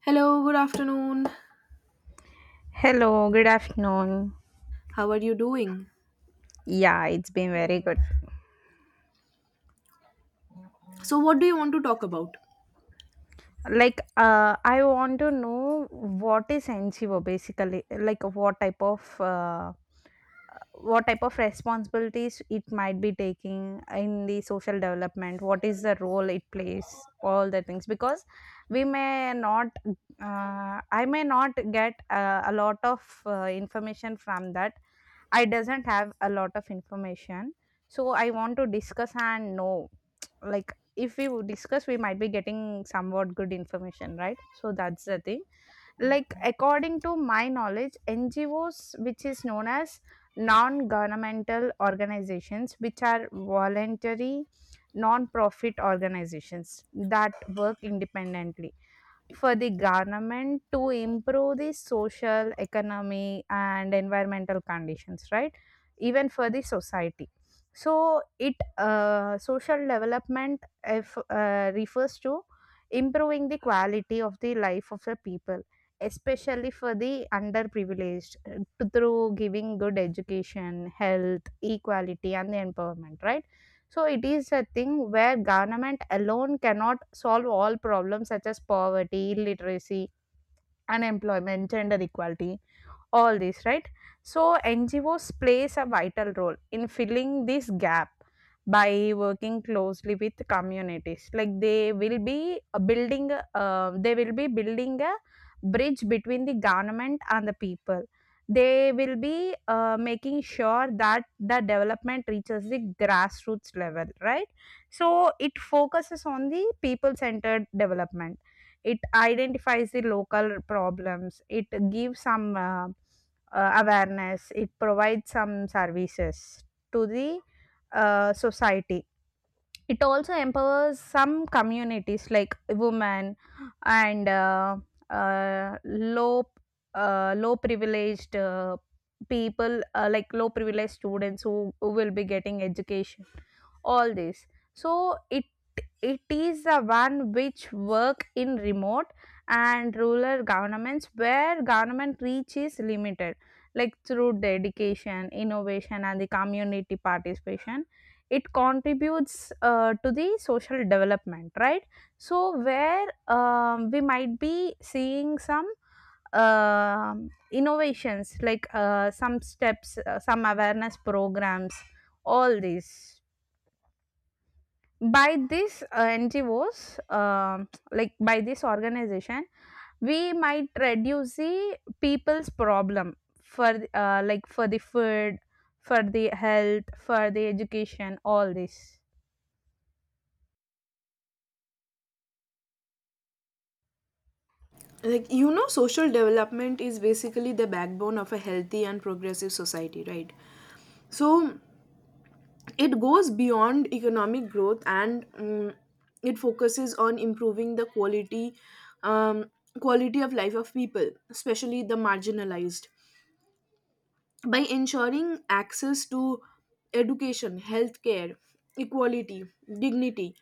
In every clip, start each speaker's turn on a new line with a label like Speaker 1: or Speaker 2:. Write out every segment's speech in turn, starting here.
Speaker 1: Hello, good afternoon.
Speaker 2: Hello, good afternoon.
Speaker 1: How are you doing?
Speaker 2: Yeah, it's been very good.
Speaker 1: So, what do you want to talk about?
Speaker 2: I want to know what is NGO basically, like what type of what responsibilities it might be taking in the social development, what is the role it plays, all the things. Because we may not, I may not get a lot of information from that. I doesn't have a lot of information, so I want to discuss and know like if we would discuss we might be getting somewhat good information, right? So that's the thing. Like according to my knowledge, ngos which is known as non governmental organizations which are voluntary non profit organizations that work independently for the government to improve the social, economy, and environmental conditions, right? Even for the society. So, it social development if, refers to improving the quality of the life of the people, especially for the underprivileged, through giving good education, health, equality, and the empowerment, right? So it is a thing where government alone cannot solve all problems such as poverty, illiteracy, unemployment, gender equality, all this, right? So ngos plays a vital role in filling this gap by working closely with communities. Like they will be building they will be building a bridge between the government and the people. They will be making sure that the development reaches the grassroots level, right? So it focuses on the people centered development. It identifies the local problems. It gives some awareness. It provides some services to the society. It also empowers some communities like women and uh, low low privileged people, like low privileged students who will be getting education, all this. So it is the one which work in remote and rural governments where government reach is limited, like through dedication, innovation, and the community participation. It contributes to the social development, right? So where we might be seeing some innovations like some steps, some awareness programs, all these by these ngos, like by this organization. We might reduce the people's problem like for the food, for the health, for the education, all this.
Speaker 1: Like, you know, social development is basically the backbone of a healthy and progressive society, right? So, it goes beyond economic growth and it focuses on improving the quality um, quality of life of people, especially the marginalized, by ensuring access to education, healthcare, equality, dignity,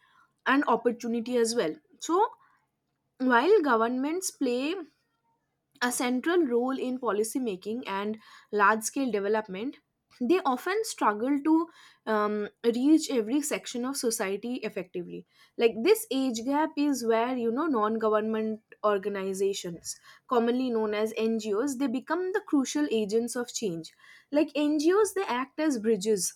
Speaker 1: and opportunity as well. So, while governments play a central role in policy making and large scale development, they often struggle to reach every section of society effectively. Like this age gap is where, you know, non government organizations, commonly known as NGOs, they become the crucial agents of change. Like NGOs, they act as bridges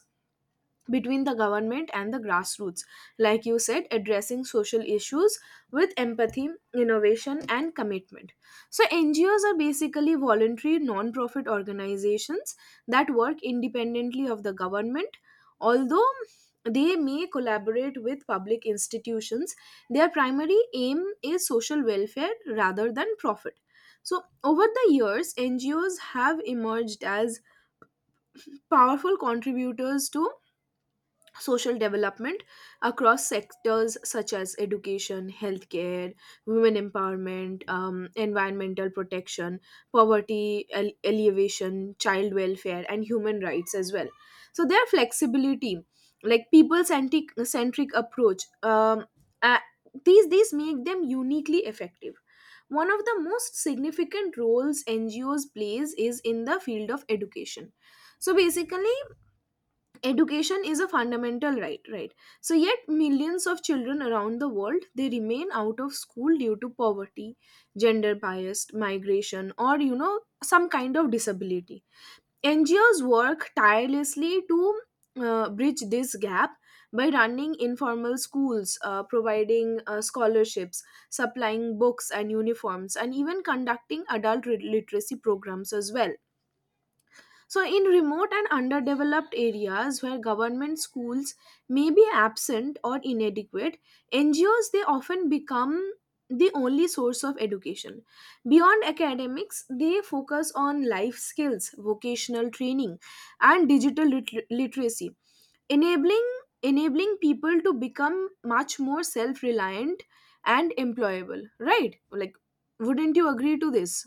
Speaker 1: between the government and the grassroots, like you said, addressing social issues with empathy, innovation and commitment. So NGOs are basically voluntary non-profit organizations that work independently of the government, although they may collaborate with public institutions. Their primary aim is social welfare rather than profit. So over the years, NGOs have emerged as powerful contributors to social development across sectors such as education, healthcare, women empowerment, environmental protection, poverty alleviation, child welfare, and human rights as well. So, their flexibility, like people centric approach, uh, these make them uniquely effective. One of the most significant roles NGOs plays is in the field of education. So basically, education is a fundamental right, right? So yet millions of children around the world, they remain out of school due to poverty, gender biased migration, or you know, some kind of disability. NGOs work tirelessly to bridge this gap by running informal schools, providing scholarships, supplying books and uniforms, and even conducting adult literacy programs as well. So, in remote and underdeveloped areas where government schools may be absent or inadequate, NGOs they often become the only source of education. Beyond academics, they focus on life skills, vocational training, and digital literacy, enabling enabling people to become much more self-reliant and employable. Right? Like, wouldn't you agree to this?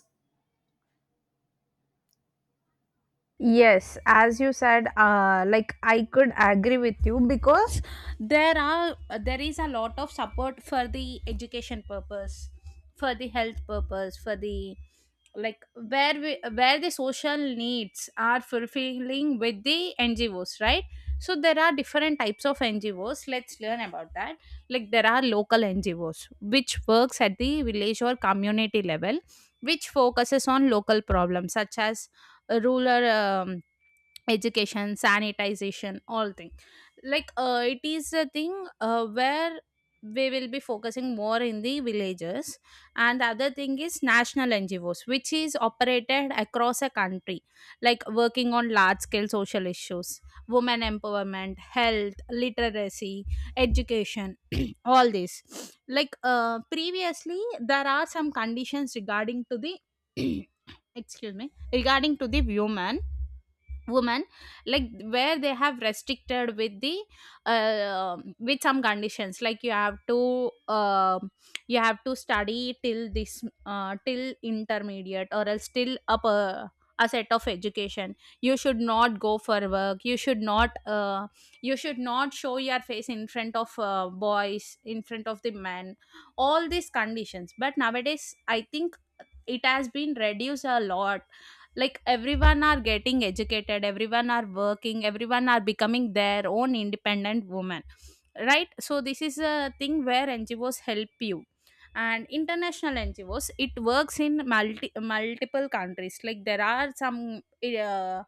Speaker 2: Yes, as you said, like I could agree with you, because there is a lot of support for the education purpose, for the health purpose, for the like where where the social needs are fulfilling with the NGOs, right? So there are different types of NGOs. Let's learn about that. Like there are local NGOs which works at the village or community level, which focuses on local problems such as rural education, sanitization, all thing. Like it is a thing where we will be focusing more in the villages. And the other thing is national ngos which is operated across a country, like working on large scale social issues, women empowerment, health, literacy, education, all this. Like, previously there are some conditions regarding to the excuse me, regarding to the women like where they have restricted with the with some conditions like you have to study till this, till intermediate or else till a set of education. You should not go for work, you should not show your face in front of boys, in front of the men, all these conditions. But nowadays I think it has been reduced a lot, like everyone are getting educated, everyone are working, everyone are becoming their own independent woman, right? So this is a thing where ngos help you. And international ngos, it works in multiple countries, like there are uh,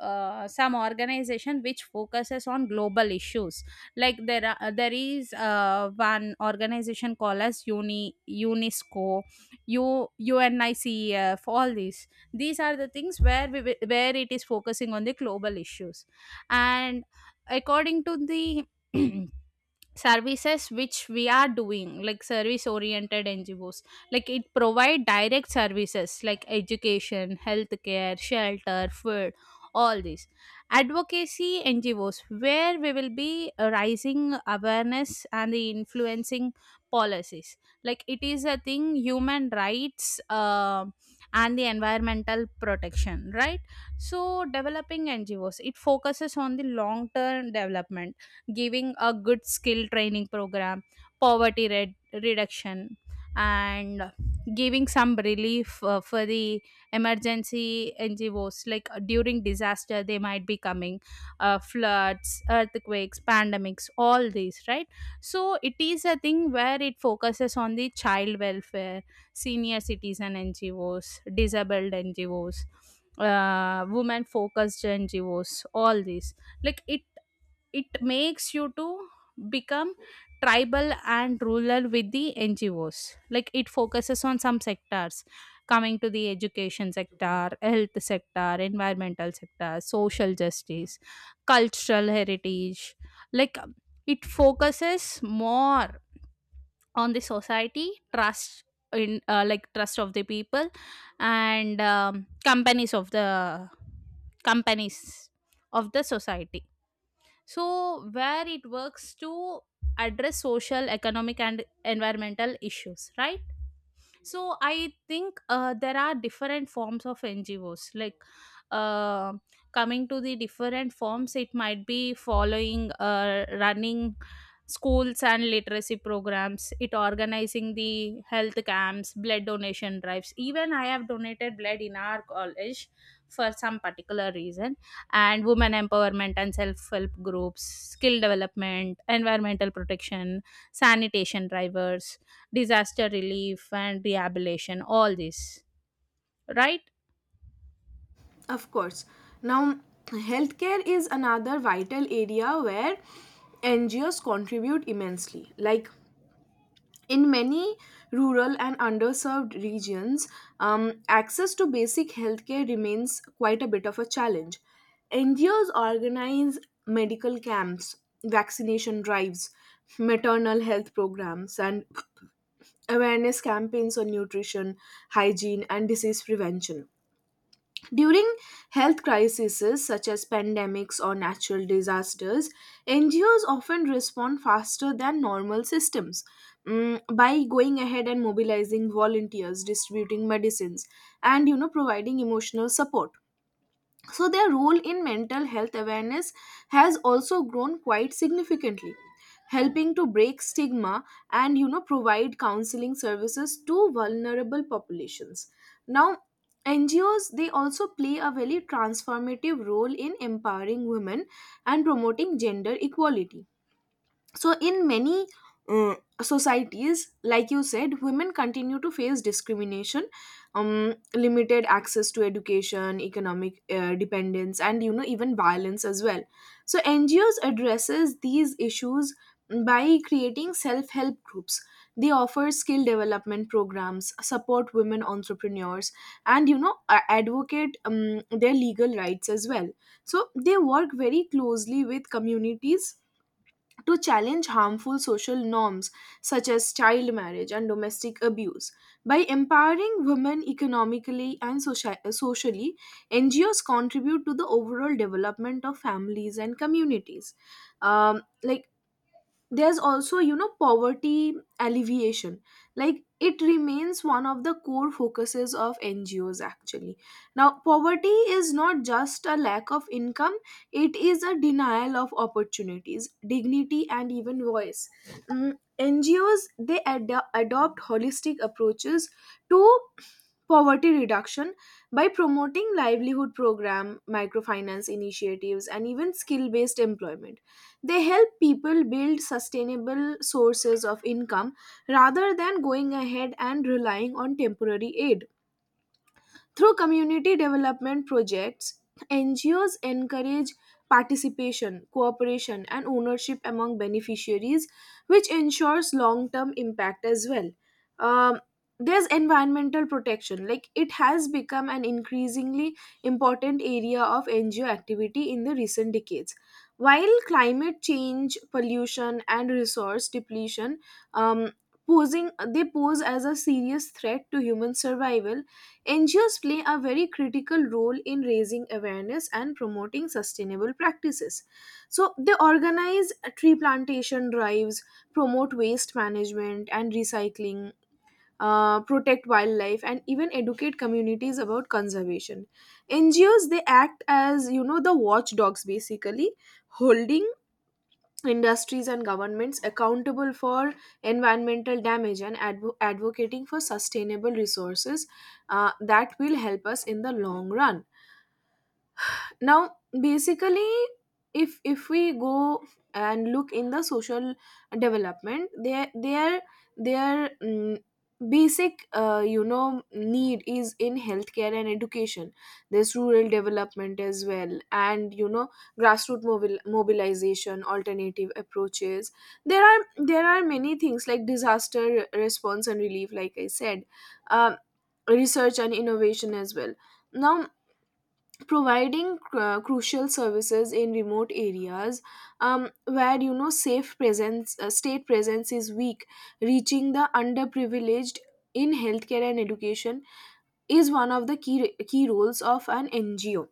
Speaker 2: some organization which focuses on global issues. Like there is one organization called as uni UNESCO. U UNICEF, all these. These are the things where where it is focusing on the global issues, and according to the services which we are doing, like service oriented ngos, like it provide direct services like education, healthcare, shelter, food, all these. Advocacy ngos, where we will be raising awareness and the influencing policies, like it is a thing, human rights and the environmental protection, right? So developing ngos, it focuses on the long term development, giving a good skill training program, poverty red- reduction. And giving some relief for the emergency ngos, like during disaster they might be coming, floods, earthquakes, pandemics, all these, right? So it is a thing where it focuses on the child welfare, senior citizen NGOs, disabled NGOs, women focused NGOs, all these. Like it makes you to become tribal and rural with the ngos, like it focuses on some sectors, coming to the education sector, health sector, environmental sector, social justice, cultural heritage. Like, it focuses more on the society trust, in like trust of the people, and companies of the society. So where it works to address social, economic, and environmental issues, right? So I think, there are different forms of ngos. Like, uh, coming to the different forms, it might be following, running schools and literacy programs, it organizing the health camps, blood donation drives. Even I have donated blood in our college for some particular reason. And women empowerment and self-help groups, skill development, environmental protection, sanitation drivers, disaster relief and rehabilitation, all this, right?
Speaker 1: Of course. Now, healthcare is another vital area where NGOs contribute immensely. Like in many rural and underserved regions, access to basic healthcare remains quite a bit of a challenge. NGOs organize medical camps, vaccination drives, maternal health programs, and awareness campaigns on nutrition, hygiene, and disease prevention. During health crises such as pandemics or natural disasters, NGOs often respond faster than normal systems, by going ahead and mobilizing volunteers, distributing medicines, and you know, providing emotional support. So, their role in mental health awareness has also grown quite significantly, helping to break stigma and you know, provide counseling services to vulnerable populations. Now, NGOs they also play a very transformative role in empowering women and promoting gender equality. So in many uh, societies, like you said, women continue to face discrimination, limited access to education, economic dependence, and you know, even violence as well. So NGOs addresses these issues by creating self-help groups. They offer skill development programs, support women entrepreneurs, and you know, advocate their legal rights as well. So they work very closely with communities to challenge harmful social norms such as child marriage and domestic abuse. By empowering women economically and socially, NGOs contribute to the overall development of families and communities. Like there's also, you know, poverty alleviation, like it remains one of the core focuses of NGOs actually. Now poverty is not just a lack of income, it is a denial of opportunities, dignity and even voice. Mm, NGOs they adopt holistic approaches to poverty reduction by promoting livelihood program, microfinance initiatives and even skill based employment. They help people build sustainable sources of income rather than going ahead and relying on temporary aid. Through community development projects, NGOs encourage participation, cooperation, and ownership among beneficiaries, which ensures long term impact as well. Um, there's environmental protection, like it has become an increasingly important area of NGO activity in the recent decades. While climate change, pollution, and resource depletion, um, posing they pose as a serious threat to human survival, NGOs play a very critical role in raising awareness and promoting sustainable practices. So, they organize tree plantation drives, promote waste management and recycling, protect wildlife, and even educate communities about conservation. NGOs they act as, you know, the watchdogs basically, holding industries and governments accountable for environmental damage and advocating for sustainable resources that will help us in the long run. Now basically, if we go and look in the social development, their basic you know, need is in healthcare and education. There's rural development as well, and you know, grassroots mobilization, alternative approaches. There are many things like disaster response and relief, like I said. um, Research and innovation as well. Now providing crucial services in remote areas, where you know, safe presence state presence is weak, reaching the underprivileged in healthcare and education is one of the key roles of an NGO.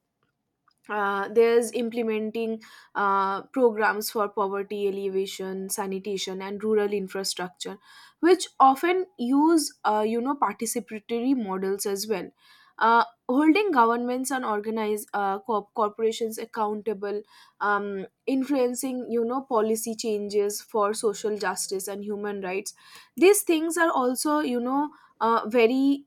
Speaker 1: Uh, there's implementing programs for poverty alleviation, sanitation and rural infrastructure, which often use, you know, participatory models as well. Uh, holding governments and organized corporations accountable, influencing, you know, policy changes for social justice and human rights. These things are also, you know, uh, very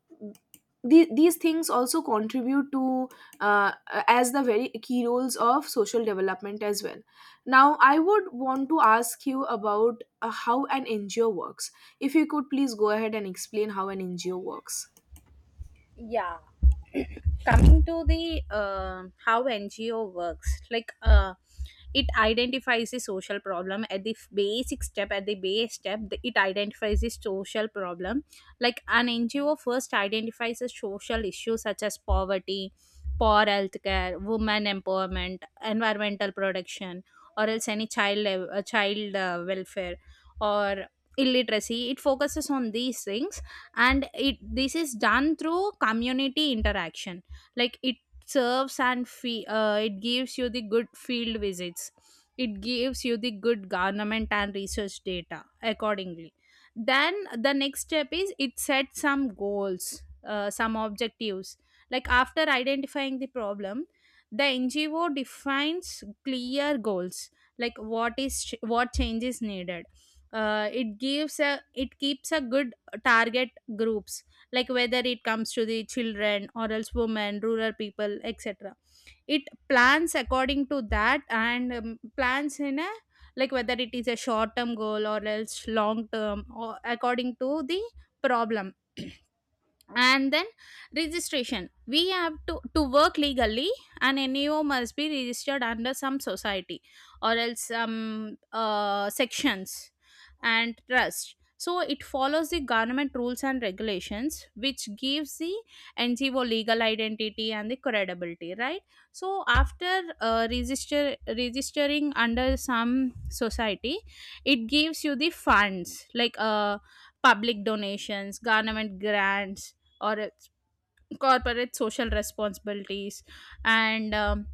Speaker 1: these things also contribute to, uh, as the very key roles of social development as well. Now, I would want to ask you about how an NGO works. If you could please go ahead and explain how an NGO works.
Speaker 2: Yeah, coming to the how ngo works, like it identifies the social problem at the f- basic step at the base step the- it identifies the social problem, like an ngo first identifies a social issue such as poverty, poor healthcare, women empowerment, environmental protection, or else any child welfare or illiteracy. It focuses on these things. And it this is done through community interaction, like it serves and fe- it gives you the good field visits, it gives you the good government and research data accordingly. Then the next step is it sets some goals, some objectives. Like after identifying the problem, the ngo defines clear goals, like what change is needed. It keeps a good target groups, like whether it comes to the children or else women, rural people, etc. It plans according to that and plans in a like whether it is a short term goal or else long term, or according to the problem. And then registration, we have to work legally. An neo must be registered under some society or else some sections and trust, so it follows the government rules and regulations which gives the ngo legal identity and the credibility, right? So after registering under some society, it gives you the funds, like public donations, government grants, or its corporate social responsibilities, and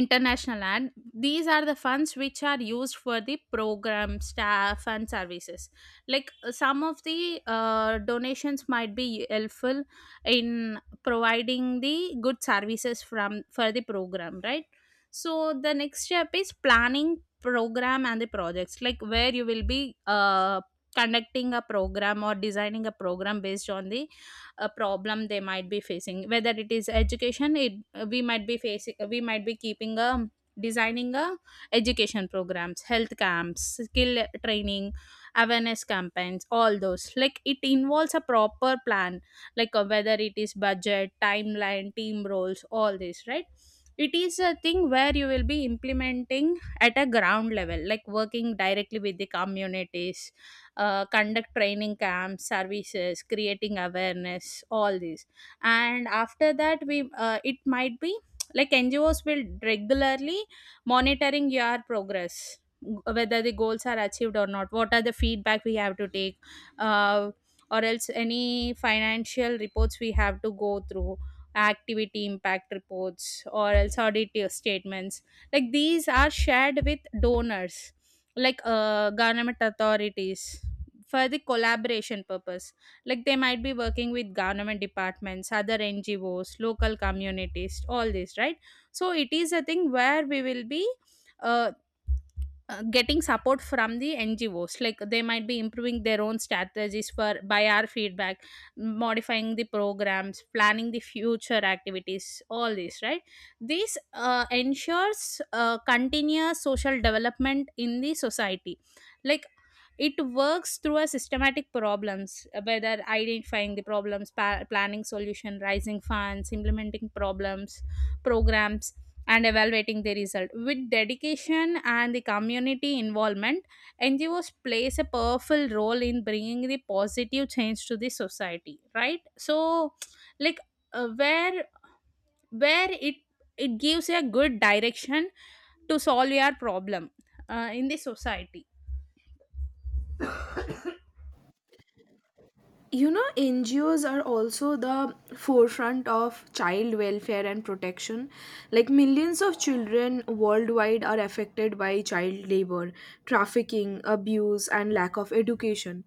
Speaker 2: international ad. These are the funds which are used for the program, staff, and services. Like some of the donations might be helpful in providing the good services from for the program, right? So the next step is planning program and the projects. Like where you will be uh, conducting a program or designing a program based on the a problem they might be facing. Whether it is education, it we might be facing we might be keeping a designing a education programs, health camps, skill training, awareness campaigns, all those. Like it involves a proper plan, like, whether it is budget, timeline, team roles, all this, right? It is a thing where you will be implementing at a ground level, like working directly with the communities, conduct training camps, services, creating awareness, all these. And after that we it might be like ngos will regularly monitoring your progress, whether the goals are achieved or not, what are the feedback we have to take, uh, or else any financial reports we have to go through, activity impact reports or else audit statements. Like these are shared with donors, like government authorities, for the collaboration purpose. Like they might be working with government departments, other ngos, local communities, all this, right? So it is a thing where we will be uh, getting support from the ngos. Like they might be improving their own strategies for by our feedback, modifying the programs, planning the future activities, all this, right? This ensures continuous social development in the society. Like it works through a systematic problems, whether identifying the problems, planning solution, raising funds, implementing problems programs, and evaluating the result. With dedication and the community involvement, ngos plays a powerful role in bringing the positive change to the society, right? So like, uh, where where it gives a good direction to solve your problem in the society.
Speaker 1: You know, NGOs are also the forefront of child welfare and protection. Like millions of children worldwide are affected by child labor, trafficking, abuse and lack of education.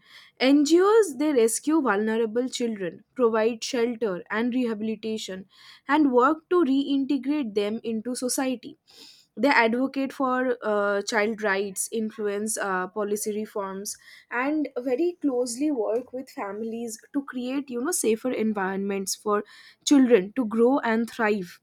Speaker 1: NGOs they rescue vulnerable children, provide shelter and rehabilitation, and work to reintegrate them into society. They advocate for child rights, influence policy reforms, and very closely work with families to create, you know, safer environments for children to grow and thrive.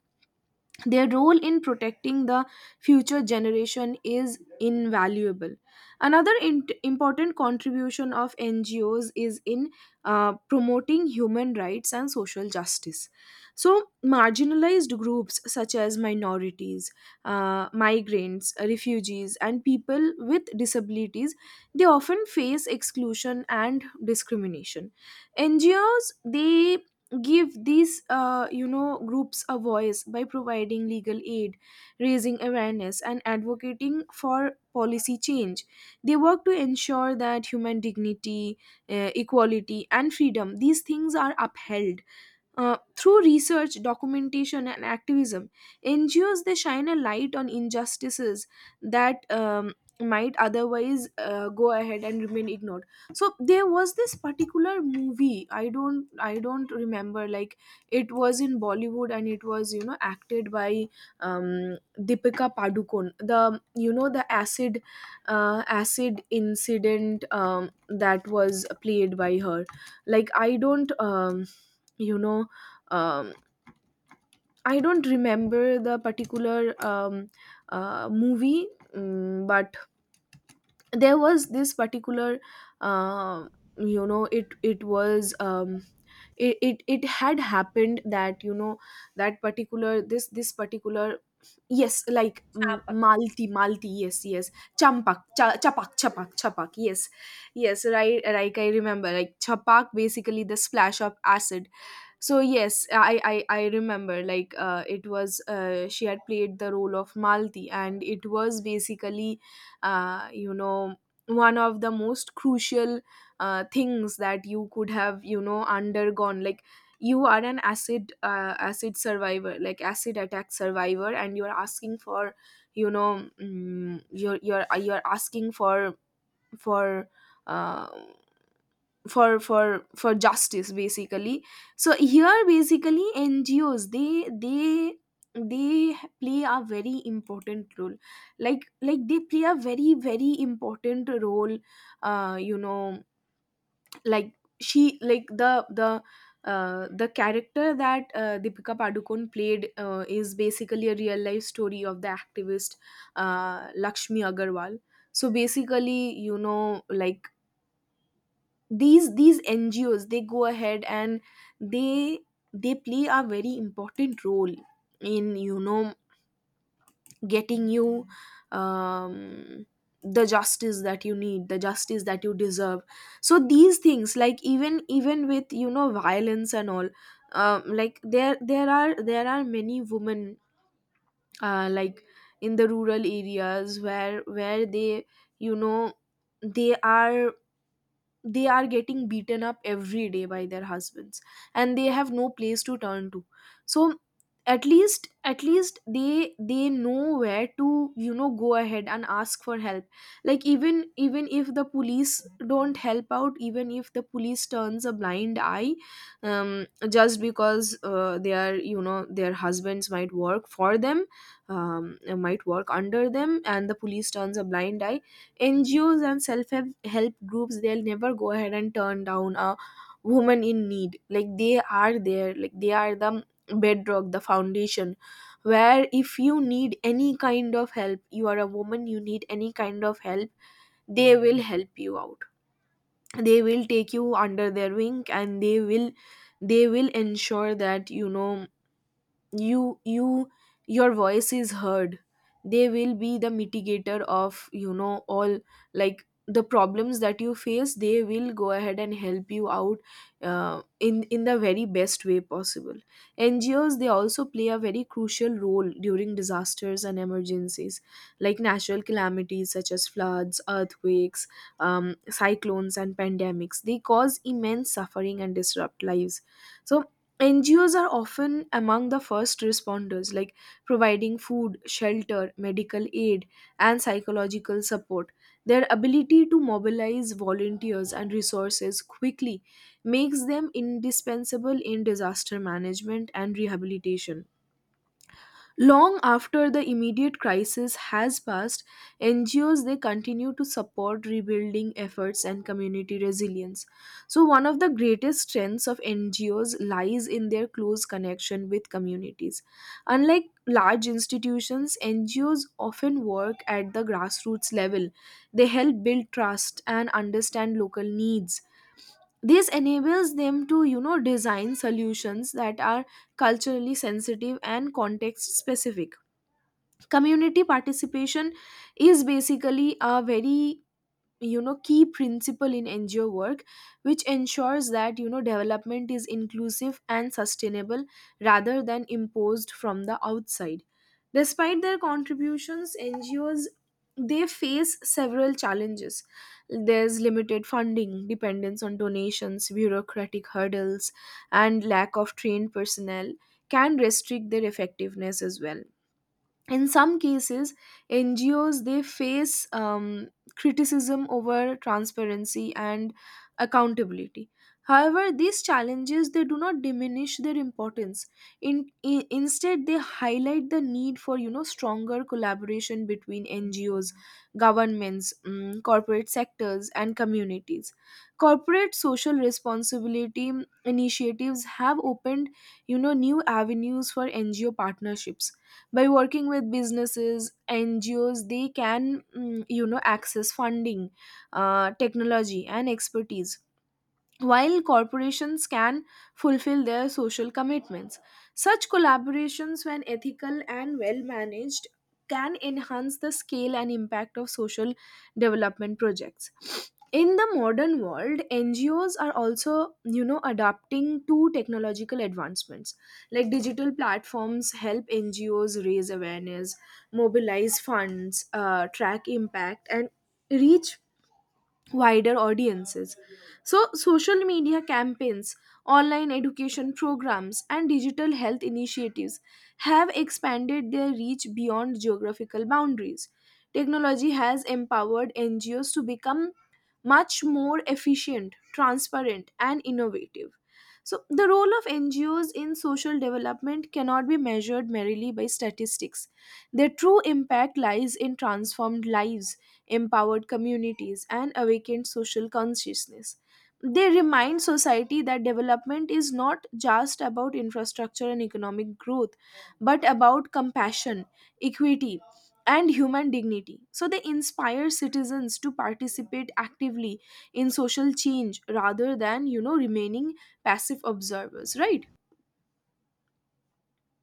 Speaker 1: Their role in protecting the future generation is invaluable. Another int important contribution of NGOs is in promoting human rights and social justice. So, marginalized groups such as minorities, migrants, refugees, and people with disabilities, they often face exclusion and discrimination. NGOs they give these, you know, groups a voice by providing legal aid, raising awareness and advocating for policy change. They work to ensure that human dignity, equality and freedom, these things are upheld through research, documentation, and activism. NGOs they shine a light on injustices that might otherwise go ahead and remain ignored. So there was this particular movie. I don't remember. Like it was in Bollywood and it was, you know, acted by Deepika Padukone. The, you know, the acid acid incident that was played by her. Like I don't. You know um, I don't remember the particular movie, but there was this particular, uh, you know, it was. It, it it had happened that, you know, that particular this particular, yes, like, Malti, yes, yes. Champak, Chapak chapak, yes, yes, right? Like I remember, like Chapak, basically the splash of acid. So yes, I remember, like it was, she had played the role of Malti, and it was basically you know, one of the most crucial things that you could have, you know, undergone. Like you are an acid survivor, like acid attack survivor, and you're asking for, you know, you're asking for for uh, for justice basically. So here basically NGOs they play a very important role, like they play a very important role, uh, you know, like, she like the character that Deepika Padukone played is basically a real life story of the activist Lakshmi Agarwal. So basically, you know, like these NGOs they go ahead and they they play a very important role in, you know, getting you um the justice that you need, the justice that you deserve. So these things, like, even with, you know, violence and all, like there are many women, like, in the rural areas where they you know they are they are getting beaten up every day by their husbands, and they have no place to turn to. So at least they know where to, you know, go ahead and ask for help. Like, even if the police don't help out, even if the police turns a blind eye, just because they are, you know, their husbands might work for them, might work under them, and the police turns a blind eye. NGOs and self help groups, they'll never go ahead and turn down a woman in need. Like, they are there, like they are the bedrock, the foundation. Where if you need any kind of help, you are a woman, you need any kind of help, they will help you out. They will take you under their wing and they will ensure that, you know, you, your voice is heard. They will be the mitigator of, you know, all, like, the problems that you face. They will go ahead and help you out, in the very best way possible. NGOs, they also play a very crucial role during disasters and emergencies, like natural calamities such as floods, earthquakes, cyclones, and pandemics. They cause immense suffering and disrupt lives. So NGOs are often among the first responders, like providing food, shelter, medical aid, and psychological support. Their ability to mobilize volunteers and resources quickly makes them indispensable in disaster management and rehabilitation. Long after the immediate crisis has passed, NGOs, they continue to support rebuilding efforts and community resilience. So one of the greatest strengths of NGOs lies in their close connection with communities. Unlike large institutions, NGOs often work at the grassroots level. They help build trust and understand local needs. This enables them to, you know, design solutions that are culturally sensitive and context specific. Community participation is basically a very, you know, key principle in NGO work, which ensures that, you know, development is inclusive and sustainable rather than imposed from the outside. Despite their contributions, NGOs, they face several challenges. There's limited funding, dependence on donations, bureaucratic hurdles, and lack of trained personnel can restrict their effectiveness as well. In some cases, NGOs they face criticism over transparency and accountability. However, these challenges, they do not diminish their importance. Instead, they highlight the need for, you know, stronger collaboration between NGOs, governments, corporate sectors, and communities. Corporate social responsibility initiatives have opened, you know, new avenues for NGO partnerships. By working with businesses, NGOs they can, you know, access funding, technology, and expertise, while corporations can fulfill their social commitments. Such collaborations, when ethical and well managed, can enhance the scale and impact of social development projects. In the modern world, NGOs are also, you know, adapting to technological advancements. Like, digital platforms help NGOs raise awareness, mobilize funds, track impact, and reach wider audiences. So social media campaigns, online education programs, and digital health initiatives have expanded their reach beyond geographical boundaries. Technology has empowered NGOs to become much more efficient, transparent, and innovative. So the role of NGOs in social development cannot be measured merely by statistics. Their true impact lies in transformed lives, empowered communities, and awakened social consciousness. They remind society that development is not just about infrastructure and economic growth, but about compassion, equity, and human dignity. So they inspire citizens to participate actively in social change rather than, you know, remaining passive observers, right?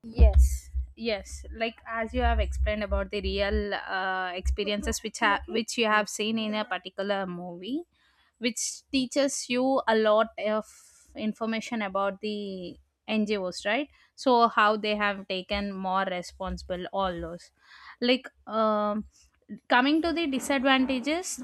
Speaker 2: Yes, yes, like as you have explained about the real experiences which you have seen in a particular movie, which teaches you a lot of information about the ngos, right? So how they have taken more responsible, all those. Like, coming to the disadvantages,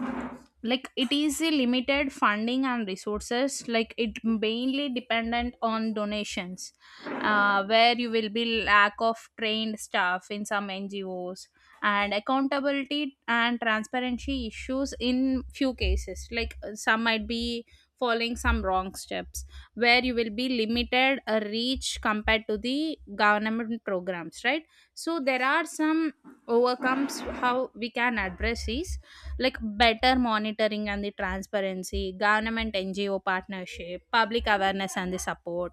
Speaker 2: like it is a limited funding and resources, like it mainly dependent on donations, where you will be lack of trained staff in some ngos, and accountability and transparency issues in few cases, like some might be following some wrong steps, where you will be limited a reach compared to the government programs, right? So there are some overcomes how we can address these, like better monitoring and the transparency, government NGO partnership, public awareness and the support,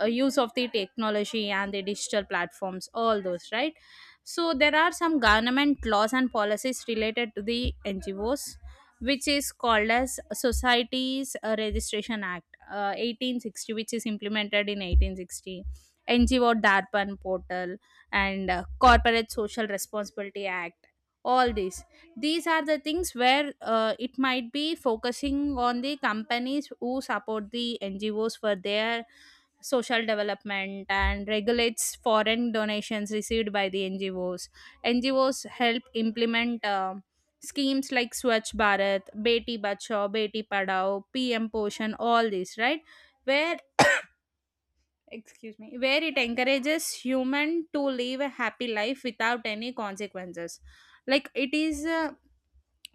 Speaker 2: use of the technology and the digital platforms, all those, right? So there are some government laws and policies related to the ngos, which is called as societies registration act 1860, which is implemented in 1860, ngo darpan portal, and corporate social responsibility act, all these. These are the things where, it might be focusing on the companies who support the ngos for their social development, and regulates foreign donations received by the NGOs. NGOs help implement schemes like Swachh Bharat, Beti Bachao, Beti Padhao, PM Poshan, all these, right? Where, excuse me, where it encourages human to live a happy life without any consequences. Like it is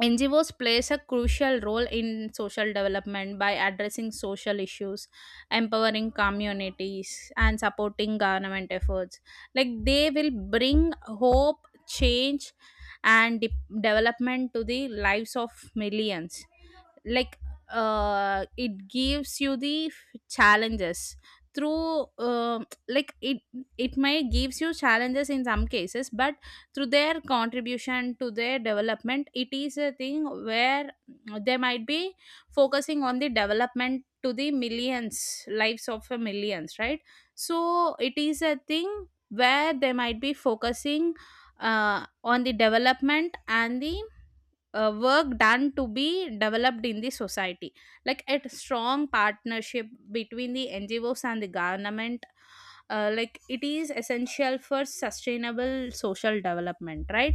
Speaker 2: NGOs plays a crucial role in social development by addressing social issues, empowering communities, and supporting government efforts. Like they will bring hope, change, and development to the lives of millions. Like, it gives you the challenges through, like it may gives you challenges in some cases, but through their contribution to their development, it is a thing where they might be focusing on the development to the millions lives of a millions, right? So it is a thing where they might be focusing on the development and the work done to be developed in the society. Like a strong partnership between the ngos and the government, like it is essential for sustainable social development, right?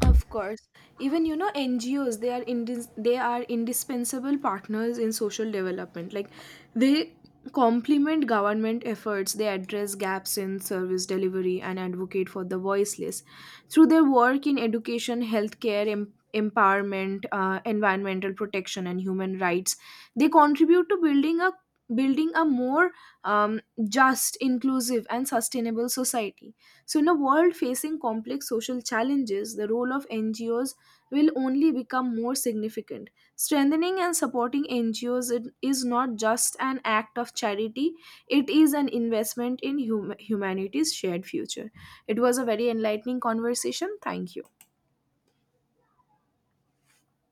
Speaker 1: Of course. Even, you know, NGOs, they are they are indispensable partners in social development. Like, they complement government efforts, they address gaps in service delivery, and advocate for the voiceless. Through their work in education, healthcare, empowerment, environmental protection, and human rights, they contribute to building a more um, just, inclusive, and sustainable society. So, in a world facing complex social challenges, the role of NGOs will only become more significant. Strengthening and supporting NGOs, it is not just an act of charity, it is an investment in humanity's shared future. It was a very enlightening conversation. Thank you.